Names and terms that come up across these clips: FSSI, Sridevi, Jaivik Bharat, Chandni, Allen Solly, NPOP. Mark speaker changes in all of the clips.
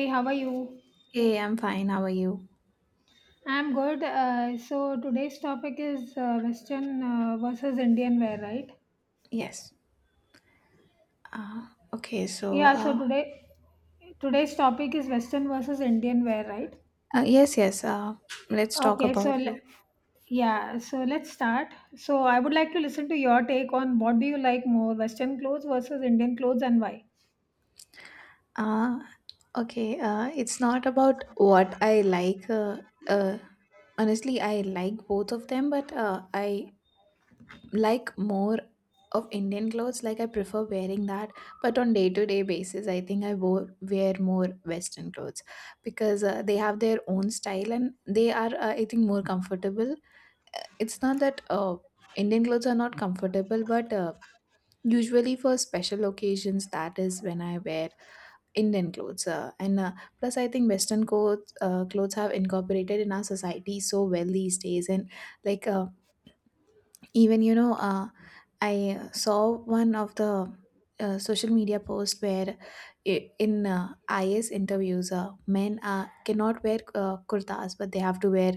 Speaker 1: Hey, how are you?
Speaker 2: Hey, I'm fine. How are you?
Speaker 1: I'm good. So today's topic is Western versus Indian wear, right?
Speaker 2: Yes. Uh, okay, so
Speaker 1: Yeah. So today, today's topic is Western versus Indian wear, right?
Speaker 2: yes, yes. Let's talk
Speaker 1: Okay.
Speaker 2: about it.
Speaker 1: So let's start. So I would like to listen to your take on what do you like more, Western clothes versus Indian clothes, and why?
Speaker 2: Uh, okay, it's not about what I like. Uh, Honestly, I like both of them, but I like more of Indian clothes. Like, I prefer wearing that, but on day to day basis, I think wear more Western clothes because they have their own style, and they are, I think, more comfortable. It's not that Indian clothes are not comfortable, but usually for special occasions, that is when I wear Indian clothes. And plus, I think Western clothes, clothes have incorporated in our society so well these days. And, like, even, I saw one of the social media post where, I- in is interviews, men cannot wear kurtas, but they have to wear,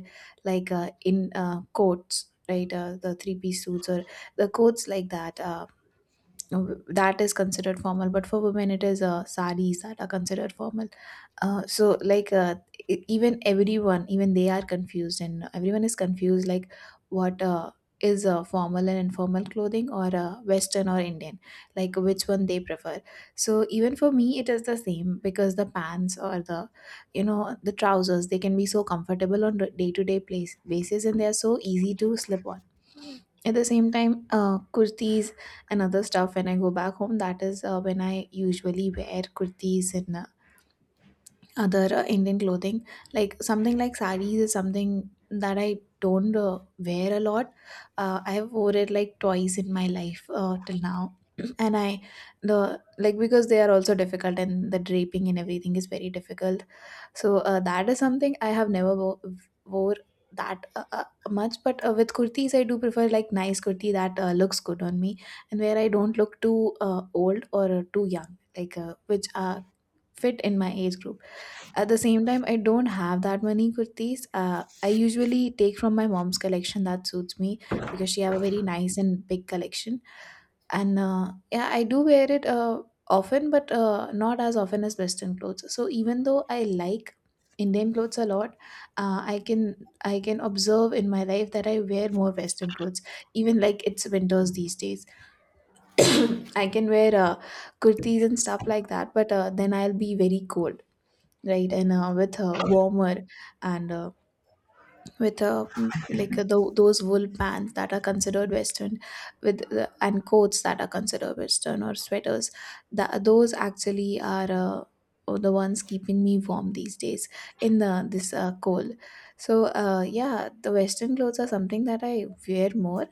Speaker 2: like, in coats, right, the three-piece suits or the coats like that. Uh, that is considered formal, but for women it is saris that are considered formal. So, like, even everyone, even they are confused, and everyone is confused, like, what is formal and informal clothing, or Western or Indian, like which one they prefer. So even for me it is the same, because the pants, or the you know the trousers, they can be so comfortable on day to day place basis, and they are so easy to slip on. At the same time, kurtis and other stuff, when I go back home, that is when I usually wear kurtis and other Indian clothing. Like, something like sarees is something that I don't wear a lot. I have wore it like twice in my life, till now. And, I, the like, because they are also difficult, and the draping and everything is very difficult. So, that is something I have never wore that much. But with kurtis, I do prefer, like, nice kurti that looks good on me, and where I don't look too old or too young, like which fit in my age group. At the same time, I don't have that many kurtis. I usually take from my mom's collection that suits me, because she have a very nice and big collection. And yeah, I do wear it often, but not as often as Western clothes. So even though I like Indian clothes a lot, I can observe in my life that I wear more Western clothes. Even, like, it's winters these days, I can wear kurtis and stuff like that. But then I'll be very cold, right, and with a warmer, and with a, like, those wool pants that are considered Western, with and coats that are considered Western, or sweaters, that those actually are the ones keeping me warm these days in the this cold. So, yeah, the Western clothes are something that I wear more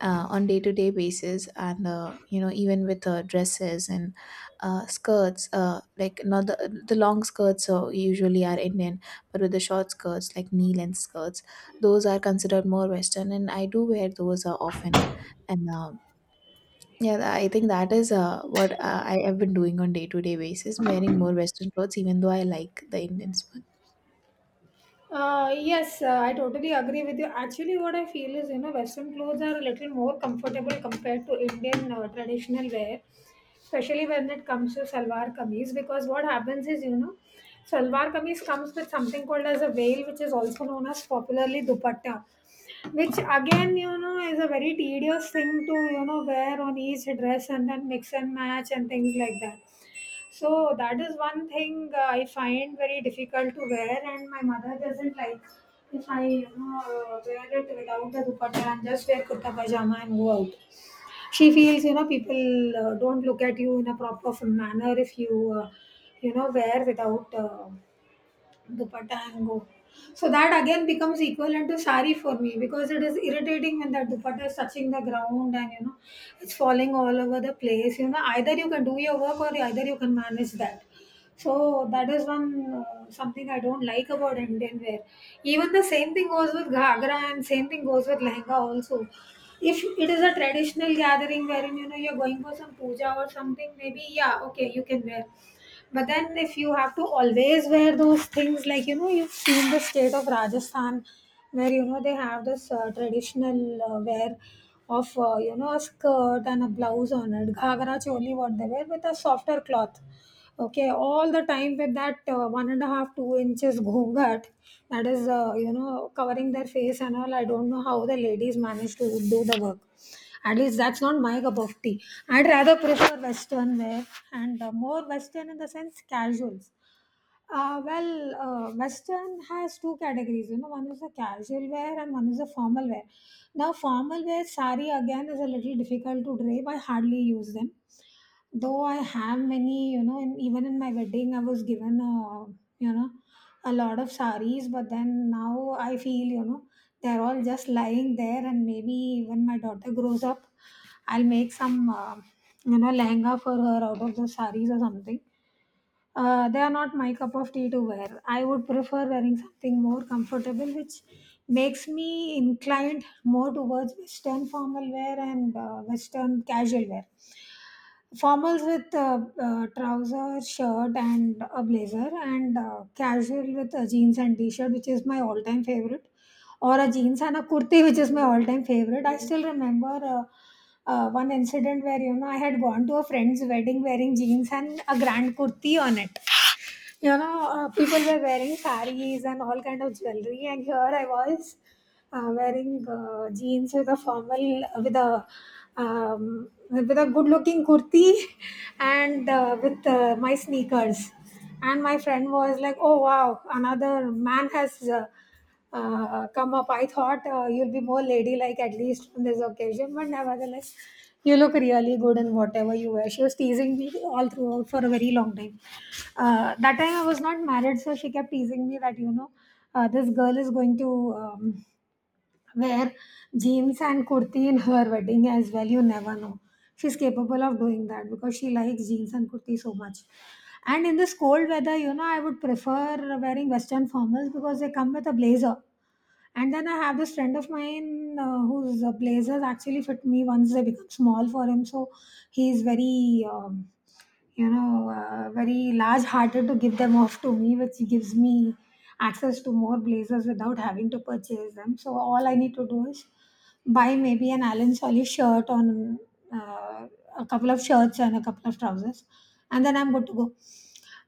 Speaker 2: on day to day basis. And even with dresses and skirts, like, not the long skirts, usually are Indian, but with the short skirts, like knee length skirts, those are considered more Western, and I do wear those often. And yeah, I think that is what I have been doing on day to day basis, wearing more Western clothes, even though I like the Indians one.
Speaker 1: Yes, I totally agree with you. Actually, what I feel is, you know, Western clothes are a little more comfortable compared to Indian traditional wear, especially when it comes to salwar kameez. Because what happens is, you know, salwar kameez comes with something called as a veil, which is also known as popularly dupatta, which again, you know, is a very tedious thing to, you know, wear on each dress and then mix and match and things like that. So that is one thing I find very difficult to wear, and my mother doesn't like if I, you know, wear it without the dupatta and just wear kurta pajama and go out. She feels, you know, people don't look at you in a proper manner if you, you know, wear without dupatta and go. So that again becomes equivalent to sari for me because it is irritating when that dupatta is touching the ground and, you know, it's falling all over the place. You know, either you can do your work or either you can manage that. So that is one something I don't like about Indian wear. Even the same thing goes with ghagra and same thing goes with lehenga also. If it is a traditional gathering wherein, you know, you're going for some puja or something, maybe yeah, okay, you can wear. But then, if you have to always wear those things, like, you know, you've seen the state of Rajasthan, where, you know, they have this traditional wear of, you know, a skirt and a blouse on it, ghagra choli, what they wear with a softer cloth, okay, all the time with that one and a half 2 inches ghungat that is, you know, covering their face and all. I don't know how the ladies manage to do the work. At least that's not my cup of tea. I'd rather prefer western wear, and more western in the sense casuals. Western has two categories. You know, one is the casual wear and one is the formal wear. Now, formal wear sari again is a little difficult to drape. I hardly use them, though I have many, you know, and even in my wedding I was given a, you know, a lot of saris, but then now I feel, you know, they're all just lying there and maybe when my daughter grows up I'll make some, you know, lehenga for her out of those saris or something. They are not my cup of tea to wear. I would prefer wearing something more comfortable which makes me inclined more towards western formal wear and western casual wear, formals with trouser shirt and a blazer, and casual with a jeans and t-shirt, which is my all-time favorite, or a jeans and a kurti, which is my all-time favorite. I still remember one incident where, you know, I had gone to a friend's wedding wearing jeans and a grand kurti on it. You know, people were wearing saris and all kind of jewelry, and here I was wearing jeans with a formal, with a, with a good-looking kurti, and with my sneakers. And my friend was like, "Oh wow, another man has come up. I thought you'll be more ladylike at least on this occasion, but nevertheless, you look really good in whatever you wear." She was teasing me all throughout for a very long time. That time I was not married, so she kept teasing me that, you know, this girl is going to, wear jeans and kurti in her wedding as well. You never know. She's capable of doing that because she likes jeans and kurti so much. And in this cold weather, you know, I would prefer wearing western formals because they come with a blazer. And then I have this friend of mine whose blazers actually fit me once they become small for him. So he's very you know, very large hearted to give them off to me, which gives me access to more blazers without having to purchase them. So all I need to do is buy maybe an Allen Solly shirt on, uh, a couple of shirts and a couple of trousers, and then I'm good to go.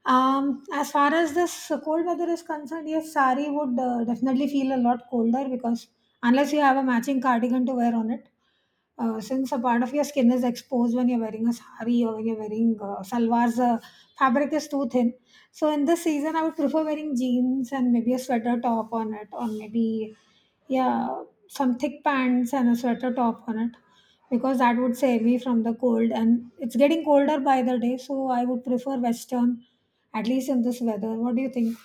Speaker 1: As far as this cold weather is concerned, yes, sari would definitely feel a lot colder because unless you have a matching cardigan to wear on it, since a part of your skin is exposed when you're wearing a sari or when you're wearing salwars, fabric is too thin. So in this season, I would prefer wearing jeans and maybe a sweater top on it, or maybe, yeah, some thick pants and a sweater top on it, because that would save me from the cold, and it's getting colder by the day. So I would prefer western, at least in this weather. What do you think?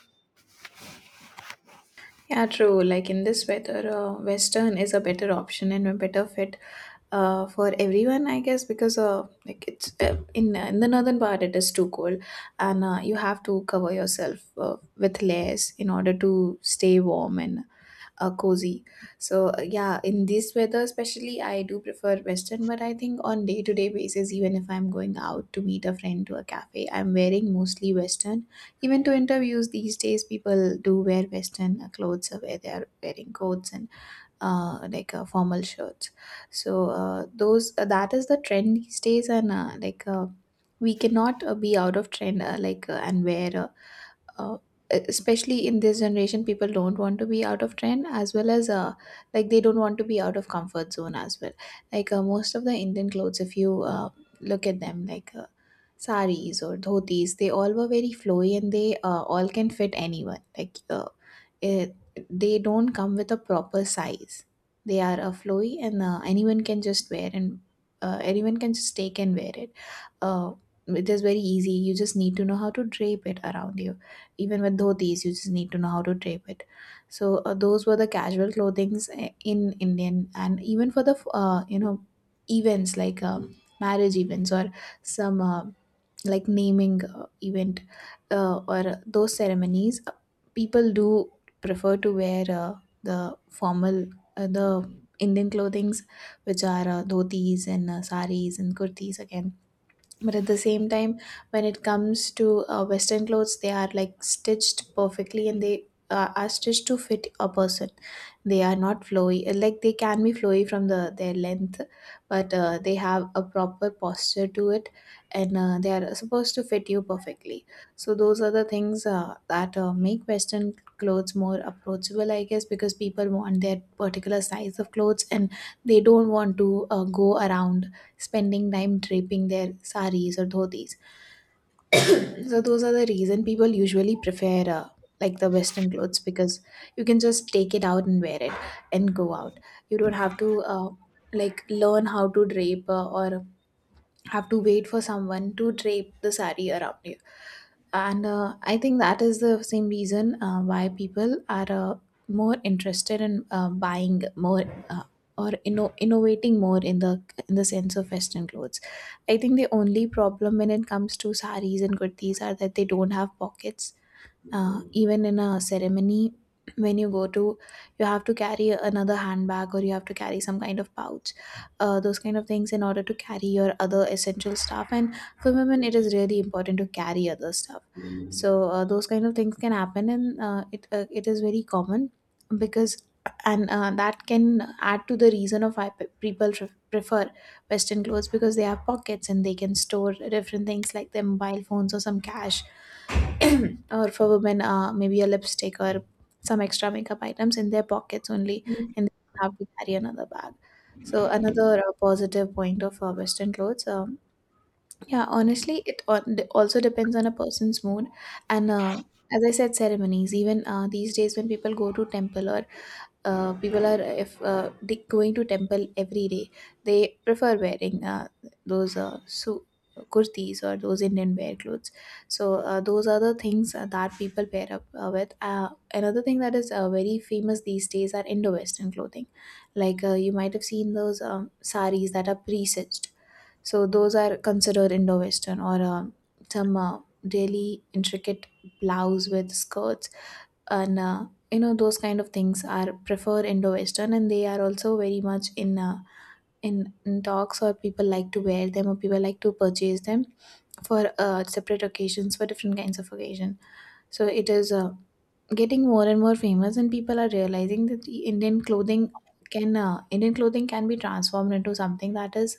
Speaker 2: Yeah, true. Like, in this weather, Western is a better option and a better fit for everyone, I guess, because like, it's in the northern part, it is too cold. And you have to cover yourself with layers in order to stay warm and cozy. So, yeah, in this weather especially, I do prefer Western. But I think on day to day basis, even if I'm going out to meet a friend to a cafe, I'm wearing mostly Western. Even to interviews these days, people do wear Western clothes, where they are wearing coats, and like, formal shirts. So those that is the trend these days. And like, we cannot be out of trend, like, and wear, uh, especially in this generation, people don't want to be out of trend, as well as, like, they don't want to be out of comfort zone as well. Like, most of the Indian clothes, if you look at them, like saris or dhotis, they all were very flowy, and they, all can fit anyone, like, it, they don't come with a proper size. They are flowy, and anyone can just wear, and anyone can just take and wear it. uh, it is very easy, you just need to know how to drape it around you. Even with dhotis, you just need to know how to drape it. So, those were the casual clothings, in Indian. And even for the events, like marriage events, or some like naming event, or those ceremonies, people do prefer to wear, the formal, the Indian clothings, which are dhotis and saris and kurtis again. But at the same time, when it comes to Western clothes, they are, like, stitched perfectly, and they are stitched to fit a person. They are not flowy, like, they can be flowy from their length, but they have a proper posture to it. And they are supposed to fit you perfectly. So those are the things that make Western clothes more approachable, I guess, because people want their particular size of clothes, and they don't want to go around spending time draping their saris or dhotis. So those are the reason people usually prefer, like, the Western clothes, because you can just take it out and wear it and go out. You don't have to, like, learn how to drape, or have to wait for someone to drape the sari around you. And I think that is the same reason why people are more interested in buying more, uh, or innovating more in the sense of Western clothes. I think the only problem when it comes to saris and kurtis are that they don't have pockets. Even in a ceremony, when you go to, you have to carry another handbag, or you have to carry some kind of pouch, those kind of things, in order to carry your other essential stuff. And for women, it is really important to carry other stuff. So, those kind of things can happen, and it is very common because. And that can add to the reason of why people prefer Western clothes, because they have pockets and they can store different things like their mobile phones or some cash, or for women, maybe a lipstick or some extra makeup items, in their pockets only, and they have to carry another bag. So another positive point of Western clothes. Yeah, honestly, it also depends on a person's mood. And as I said, ceremonies, even these days, when people go to temple, or people are, if they going to temple every day, they prefer wearing those, kurtis, or those Indian wear clothes. So, those are the things that people pair up with. Another thing that is very famous these days are indo-western clothing. Like, you might have seen those, saris that are pre-stitched. So those are considered indo-western, or some really intricate blouse with skirts. And those kind of things are prefer indo-western, and they are also very much in in talks, or people like to wear them, or people like to purchase them for separate occasions, for different kinds of occasion. So it is getting more and more famous, and people are realizing that the indian clothing can Indian clothing can be transformed into something that is,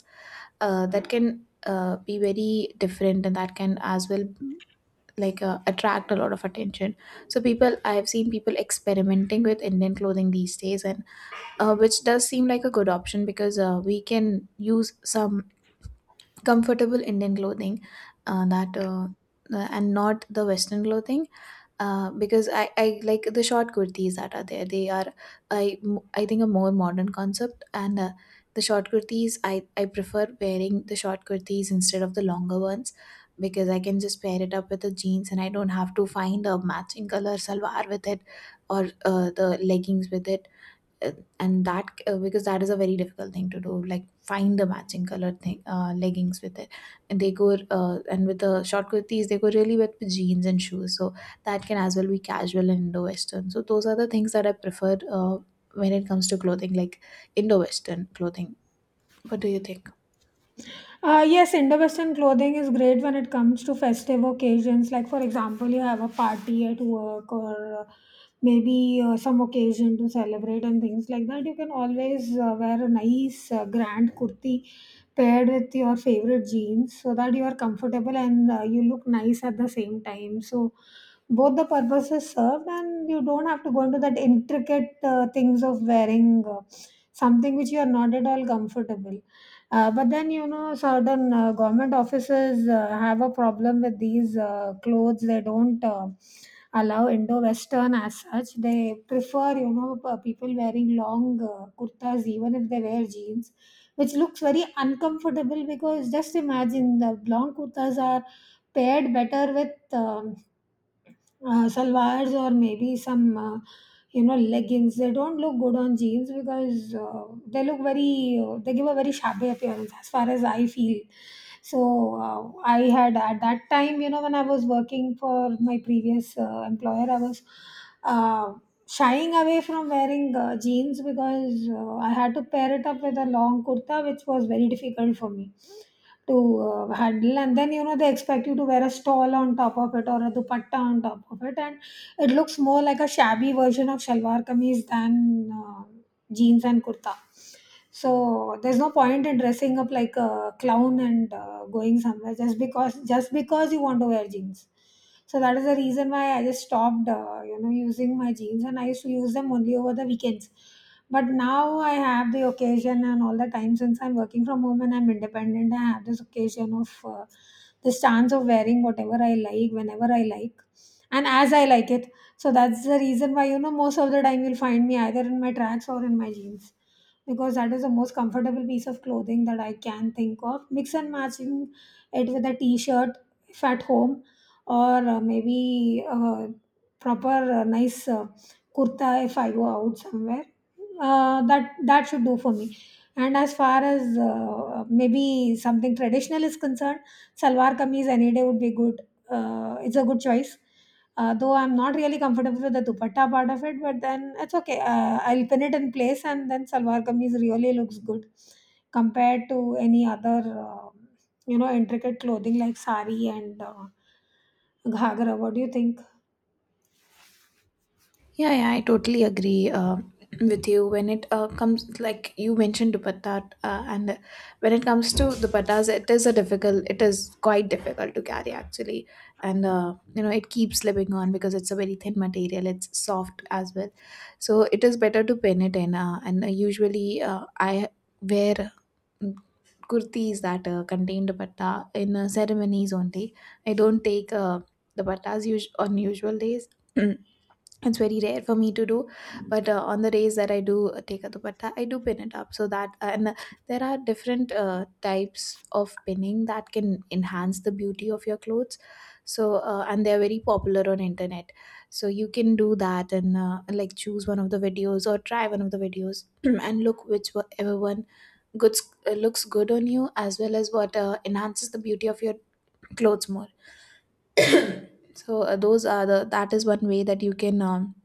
Speaker 2: that can be very different, and that can as well, like, attract a lot of attention. So, people I've seen people experimenting with Indian clothing these days, and which does seem like a good option, because we can use some comfortable Indian clothing, that and not the Western clothing, because I like the short kurtis that are there. They are, i I think A more modern concept. And the short kurtis, I prefer wearing the short kurtis instead of the longer ones, because I can just pair it up with the jeans and I don't have to find a matching color salwar with it or the leggings with it. uh, and that because that is a very difficult thing to do, like find the matching color thing, leggings with it. And they go and with the short kurtis they go really with jeans and shoes. So that can as well be casual and indo western. So those are the things that I prefer when it comes to clothing, like indo western clothing. What do you think?
Speaker 1: Yes, Indo-Western clothing is great when it comes to festive occasions. Like, for example, you have a party at work or, maybe some occasion to celebrate and things like that. You can always wear a nice grand kurti paired with your favorite jeans so that you are comfortable and you look nice at the same time. So, both the purposes served, and you don't have to go into that intricate things of wearing something which you are not at all comfortable. But then, you know, certain government offices have a problem with these clothes. They don't allow Indo Western as such. They prefer, you know, people wearing long kurtas, even if they wear jeans, which looks very uncomfortable because just imagine the long kurtas are paired better with. Salwars or maybe some, you know, leggings. They don't look good on jeans because they look very they give a very shabby appearance as far as I feel. So I had at that time, you know, when I was working for my previous employer, I was uh, shying away from wearing jeans because I had to pair it up with a long kurta, which was very difficult for me to handle. And then, you know, they expect you to wear a stole on top of it or a dupatta on top of it, and it looks more like a shabby version of shalwar kameez than jeans and kurta. So there's no point in dressing up like a clown and going somewhere just because you want to wear jeans. So that is the reason why I just stopped, you know, using my jeans, and I used to use them only over the weekends. But now I have the occasion and all the time since I'm working from home and I'm independent. I have this occasion of, this chance of wearing whatever I like whenever I like, and as I like it. So that's the reason why, you know, most of the time you'll find me either in my tracks or in my jeans, because that is the most comfortable piece of clothing that I can think of. Mix and matching it with a t shirt if at home, or maybe proper nice kurta if I go out somewhere. That should do for me. And as far as maybe something traditional is concerned, salwar kameez any day would be good. It's a good choice, though I'm not really comfortable with the dupatta part of it, but then it's okay. I'll pin it in place, and then salwar kameez really looks good compared to any other, you know, intricate clothing like sari and ghagra. What do you think?
Speaker 2: Yeah, yeah, I totally agree with you when it comes, like you mentioned dupatta. And when it comes to dupattas, it is a difficult, it is quite difficult to carry actually, and you know, it keeps slipping on because it's a very thin material. It's soft as well, so it is better to pin it in. And usually, I wear mm, kurtis that contain dupatta in ceremonies only. I don't take dupattas on usual days. It's very rare for me to do, but on the days that I do take a dupatta, I do pin it up, so that and there are different types of pinning that can enhance the beauty of your clothes. So and they're very popular on internet, so you can do that. And like, choose one of the videos or try one of the videos and look whichever one good looks good on you, as well as what enhances the beauty of your clothes more. So those are the that is one way that you can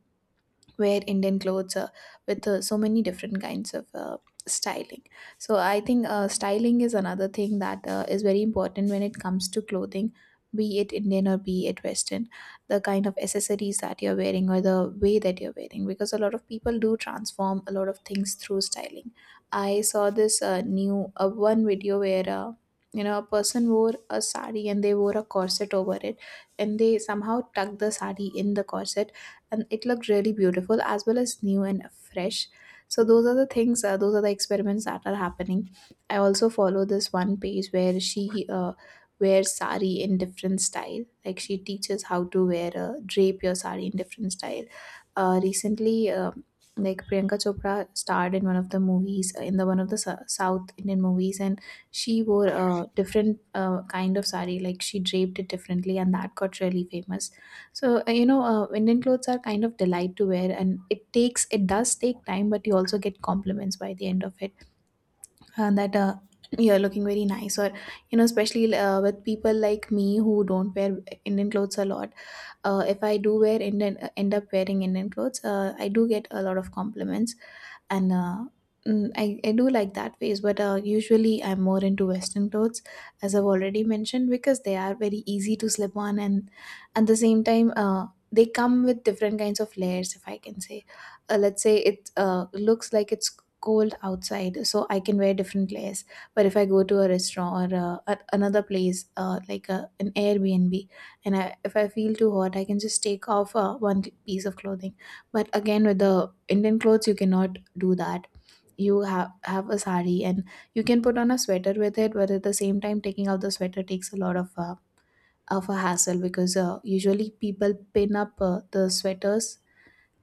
Speaker 2: wear Indian clothes with so many different kinds of styling. So I think styling is another thing that is very important when it comes to clothing, be it Indian or be it Western. The kind of accessories that you're wearing, or the way that you're wearing, because a lot of people do transform a lot of things through styling. I saw this new one video where. You know, a person wore a sari and they wore a corset over it, and they somehow tucked the sari in the corset, and it looked really beautiful as well as new and fresh. So those are the things, those are the experiments that are happening. I also follow this one page where she uh, wears sari in different style, like she teaches how to wear drape your sari in different style. Recently, like Priyanka Chopra starred in one of the movies, in the one of the south Indian movies, and she wore a different kind of sari, like she draped it differently, and that got really famous. So, you know, Indian clothes are kind of delight to wear, and it takes, it does take time, but you also get compliments by the end of it. And that you're looking very nice. Or, you know, especially with people like me who don't wear Indian clothes a lot, if I do wear end up wearing Indian clothes, I do get a lot of compliments. And I do like that phase, but usually I'm more into western clothes, as I've already mentioned, because they are very easy to slip on. And at the same time they come with different kinds of layers, if I can say. Let's say it looks like it's cold outside, so I can wear different layers. But if I go to a restaurant or at another place, like an airbnb, and if I feel too hot, I can just take off one piece of clothing. But again, with the Indian clothes, you cannot do that. You have a sari, and you can put on a sweater with it. But at the same time, taking out the sweater takes a lot of a hassle, because usually people pin up the sweaters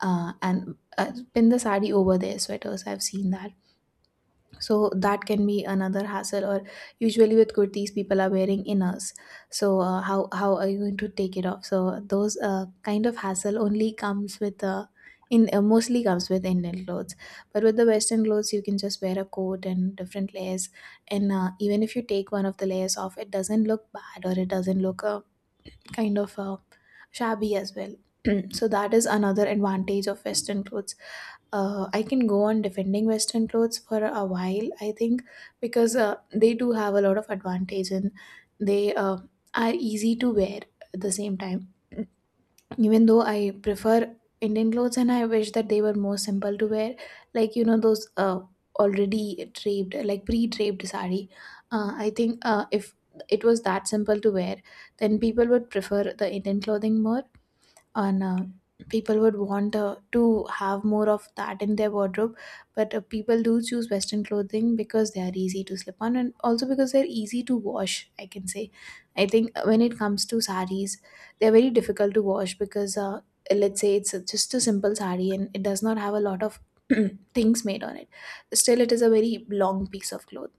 Speaker 2: and pin the sari over their sweaters. I've seen that. So that can be another hassle. Or usually with kurtis people are wearing inners, so how are you going to take it off? So those kind of hassle only comes with in mostly comes with Indian clothes. But with the western clothes you can just wear a coat and different layers, and even if you take one of the layers off, it doesn't look bad, or it doesn't look kind of uh, shabby as well. So that is another advantage of Western clothes. I can go on defending Western clothes for a while, I think, because they do have a lot of advantage, and they are easy to wear at the same time. Even though I prefer Indian clothes, and I wish that they were more simple to wear, like you know those already draped, like pre-draped sari. I think if it was that simple to wear, then people would prefer the Indian clothing more, and people would want to have more of that in their wardrobe. But people do choose western clothing because they are easy to slip on, and also because they're easy to wash, I can say. I think when it comes to saris, they're very difficult to wash because let's say it's just a simple sari, and it does not have a lot of things made on it. Still, it is a very long piece of cloth.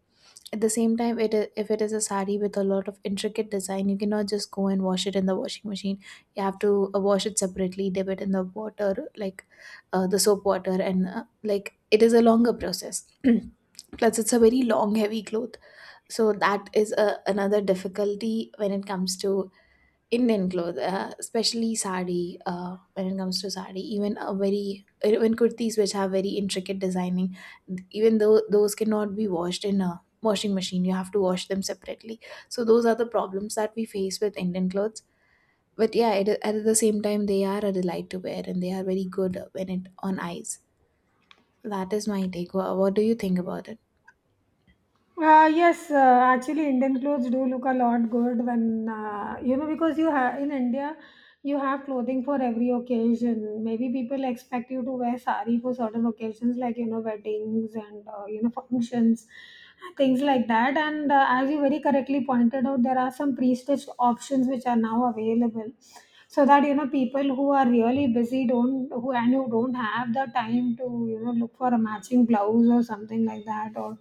Speaker 2: At the same time, if it is a sari with a lot of intricate design, you cannot just go and wash it in the washing machine. You have to wash it separately, dip it in the water, like the soap water, and like, it is a longer process. Plus, it's a very long, heavy cloth, so that is another difficulty when it comes to Indian clothes, especially sari. When it comes to sari, even kurtis which have very intricate designing, even though those cannot be washed in a washing machine, you have to wash them separately. So those are the problems that we face with Indian clothes. But yeah, at the same time, they are a delight to wear, and they are very good when it on eyes. That is my take. What do you think about it?
Speaker 1: Yes, actually, Indian clothes do look a lot good when, you know, because you have in India, you have clothing for every occasion. Maybe people expect you to wear sari for certain occasions, like, you know, weddings and, you know, functions, things like that. And As you very correctly pointed out, there are some pre-stitched options which are now available, so that you know people who are really busy don't who and who don't have the time to you know look for a matching blouse or something like that, or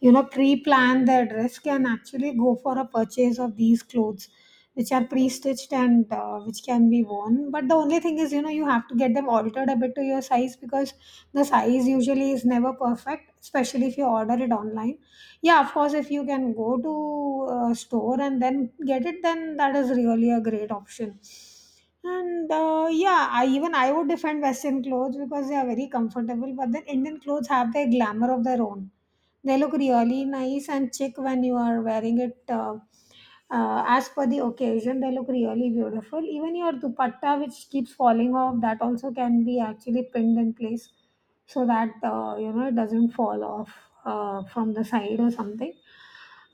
Speaker 1: you know pre-plan their dress, can actually go for a purchase of these clothes which are pre-stitched and which can be worn. But the only thing is, you know, you have to get them altered a bit to your size, because the size usually is never perfect, especially if you order it online. Yeah, of course, if you can go to a store and then get it, then that is really a great option. And Yeah, I even I would defend Western clothes because they are very comfortable, but then Indian clothes have their glamour of their own. They look really nice and chic when you are wearing it. As per the occasion, they look really beautiful. Even your dupatta, which keeps falling off, that also can be actually pinned in place so that you know it doesn't fall off from the side or something.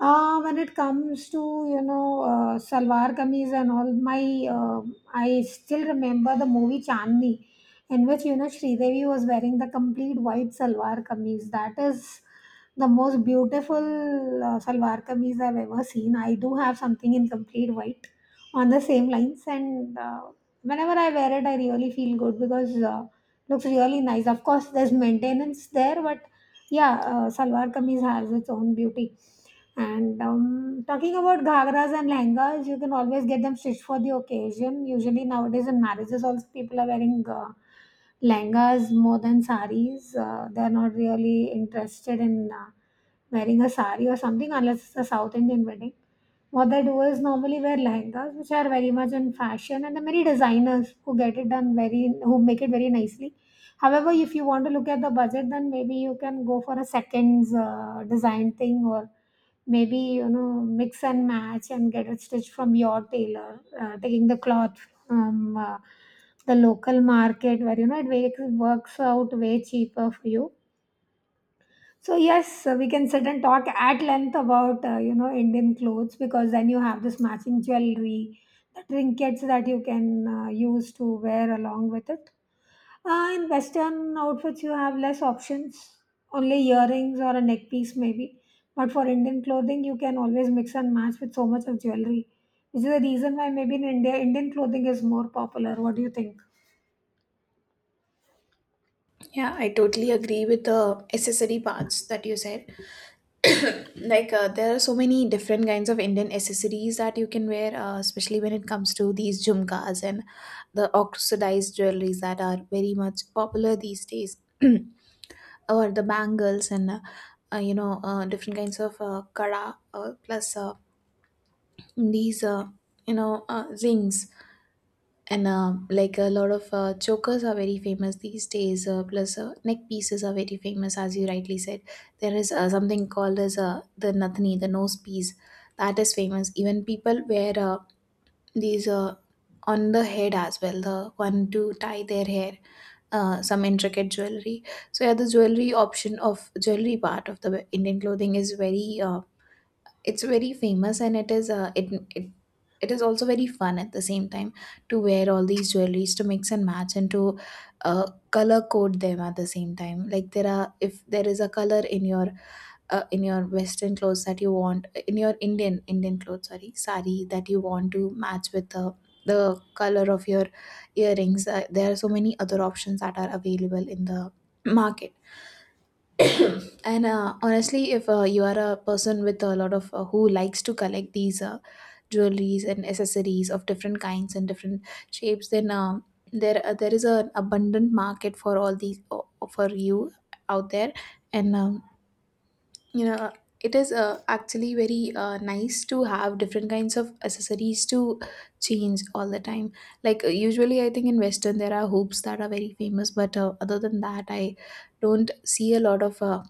Speaker 1: When it comes to you know salwar kameez and all, my I still remember the movie Chandni, in which you know Sridevi was wearing the complete white salwar kameez. That is the most beautiful salwar kameez I've ever seen. I do have something in complete white on the same lines, and whenever I wear it, I really feel good because looks really nice. Of course, there's maintenance there, but yeah, salwar kameez has its own beauty. And Talking about ghagras and lehengas, you can always get them stitched for the occasion. Usually nowadays in marriages, also people are wearing lehengas more than saris. They are not really interested in wearing a sari or something unless it's a South Indian wedding. What they do is normally wear lehengas, which are very much in fashion, and there are many designers who get it done very, who make it very nicely. However, if you want to look at the budget, then maybe you can go for a second's design thing, or maybe you know mix and match and get it stitched from your tailor, taking the cloth from the local market where you know it works out way cheaper for you. So yes, we can sit and talk at length about you know Indian clothes, because then you have this matching jewelry, the trinkets that you can use to wear along with it. In Western outfits, you have less options, only earrings or a neck piece maybe. But for Indian clothing, you can always mix and match with so much of jewelry, which is the reason why maybe in India, Indian clothing is more popular. What do you think?
Speaker 2: Yeah, I totally agree with the accessory parts that you said. Like there are so many different kinds of Indian accessories that you can wear, especially when it comes to these jhumkas and the oxidized jewelries that are very much popular these days. Or the bangles and you know, different kinds of kara, plus these you know, rings, and like, a lot of chokers are very famous these days. Plus, neck pieces are very famous, as you rightly said. There is something called as the nathani, the nose piece, that is famous. Even people wear these on the head as well, the one to tie their hair. Some intricate jewelry. So yeah, the jewelry part of the Indian clothing is very it's very famous, and it is also very fun at the same time to wear all these jewelries, to mix and match, and to color code them at the same time. Like, there are if there is a color in your western clothes that you want in your Indian clothes, sorry, sari, that you want to match with the color of your earrings, there are so many other options that are available in the market. And honestly, if you are a person with a lot of who likes to collect these jewelries and accessories of different kinds and different shapes, then there is an abundant market for all these for you out there. And you know, it is actually very nice to have different kinds of accessories to change all the time. Like usually, I think in western there are hoops that are very famous, but other than that, I don't see a lot of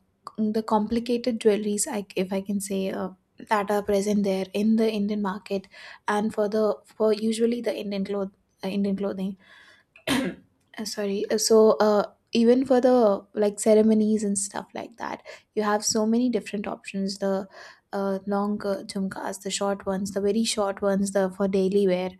Speaker 2: the complicated jewelries, if I can say, that are present there in the Indian market. And for usually the Indian clothing, sorry so even for the like ceremonies and stuff like that, you have so many different options. The long jhumkas, the short ones, the very short ones, the for daily wear.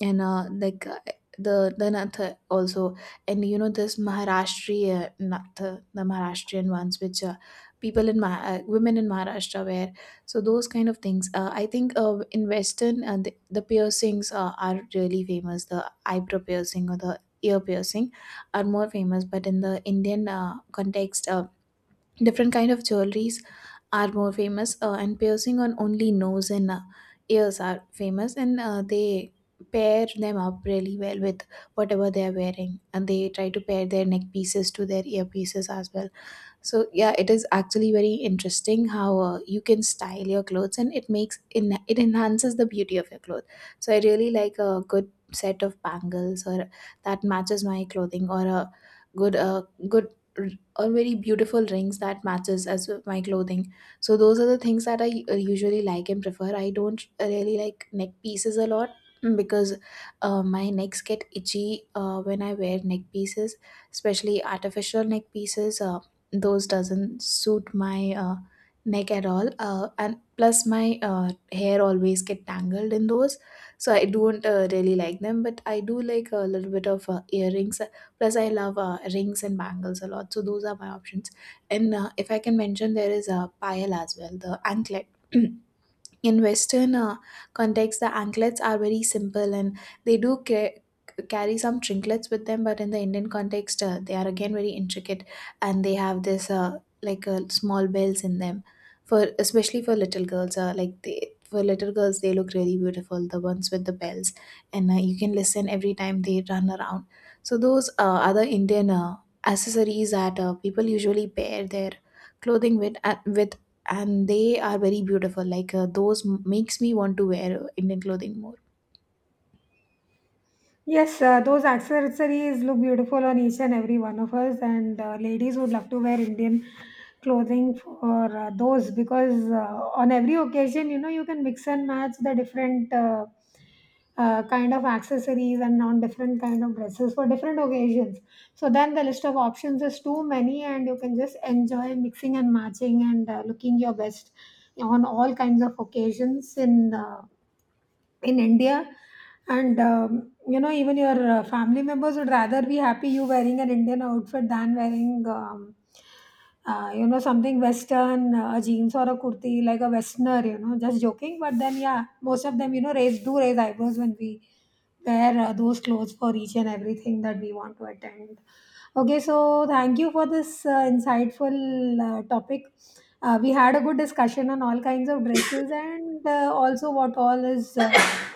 Speaker 2: And the nath also. And you know this Maharashtrian nath, the Maharashtrian ones which people in women in Maharashtra wear. So those kind of things, I think in western the piercings are really famous, the eyebrow piercing or the ear piercing are more famous. But in the Indian context, different kind of jewelries are more famous, and piercing on only nose and ears are famous, and they pair them up really well with whatever they are wearing, and they try to pair their neck pieces to their ear pieces as well. So yeah, it is actually very interesting how you can style your clothes and it makes in it enhances the beauty of your clothes. So I really like a good set of bangles or that matches my clothing, or a good uh, good or very beautiful rings that matches as with my clothing. So those are the things that I usually like and prefer. I don't really like neck pieces a lot, because my necks get itchy when I wear neck pieces, especially artificial neck pieces. Those doesn't suit my neck at all, and plus my hair always get tangled in those. So I don't really like them, but I do like a little bit of earrings. Plus, I love rings and bangles a lot. So those are my options. And if I can mention, there is a pile as well, the anklet. In western context, the anklets are very simple, and they carry some trinklets with them. But in the Indian context, they are again very intricate, and they have this small bells in them, for especially for little girls. Like they For little girls, they look really beautiful, the ones with the bells. And you can listen every time they run around. So those other Indian accessories that people usually pair their clothing with, and they are very beautiful. Like makes me want to wear Indian clothing more.
Speaker 1: Yes, those accessories look beautiful on each and every one of us, and ladies would love to wear Indian clothing for those, because on every occasion, you know, you can mix and match the different kind of accessories and on different kind of dresses for different occasions. So then the list of options is too many, and you can just enjoy mixing and matching and looking your best on all kinds of occasions in India. And You know, even your family members would rather be happy you wearing an Indian outfit than wearing, you know, something Western, a jeans or a kurti, like a Westerner. You know, just joking. But then, yeah, most of them, you know, raise eyebrows when we wear those clothes for each and everything that we want to attend. Okay, so thank you for this insightful topic. We had a good discussion on all kinds of dresses and also what all is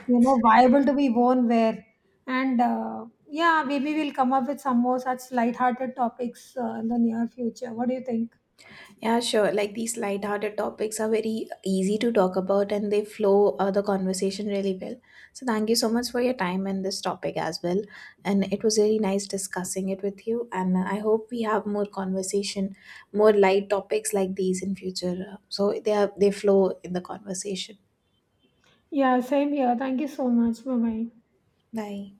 Speaker 1: you know viable to be worn where, and yeah, maybe we'll come up with some more such light-hearted topics in the near future. What do you think?
Speaker 2: Yeah, sure. Like these light-hearted topics are very easy to talk about, and they flow the conversation really well. So thank you so much for your time and this topic as well. And it was really nice discussing it with you. And I hope we have more conversation, more light topics like these in future. So they flow in the conversation.
Speaker 1: Yeah, same here. Thank you so much. Bye bye.
Speaker 2: Bye.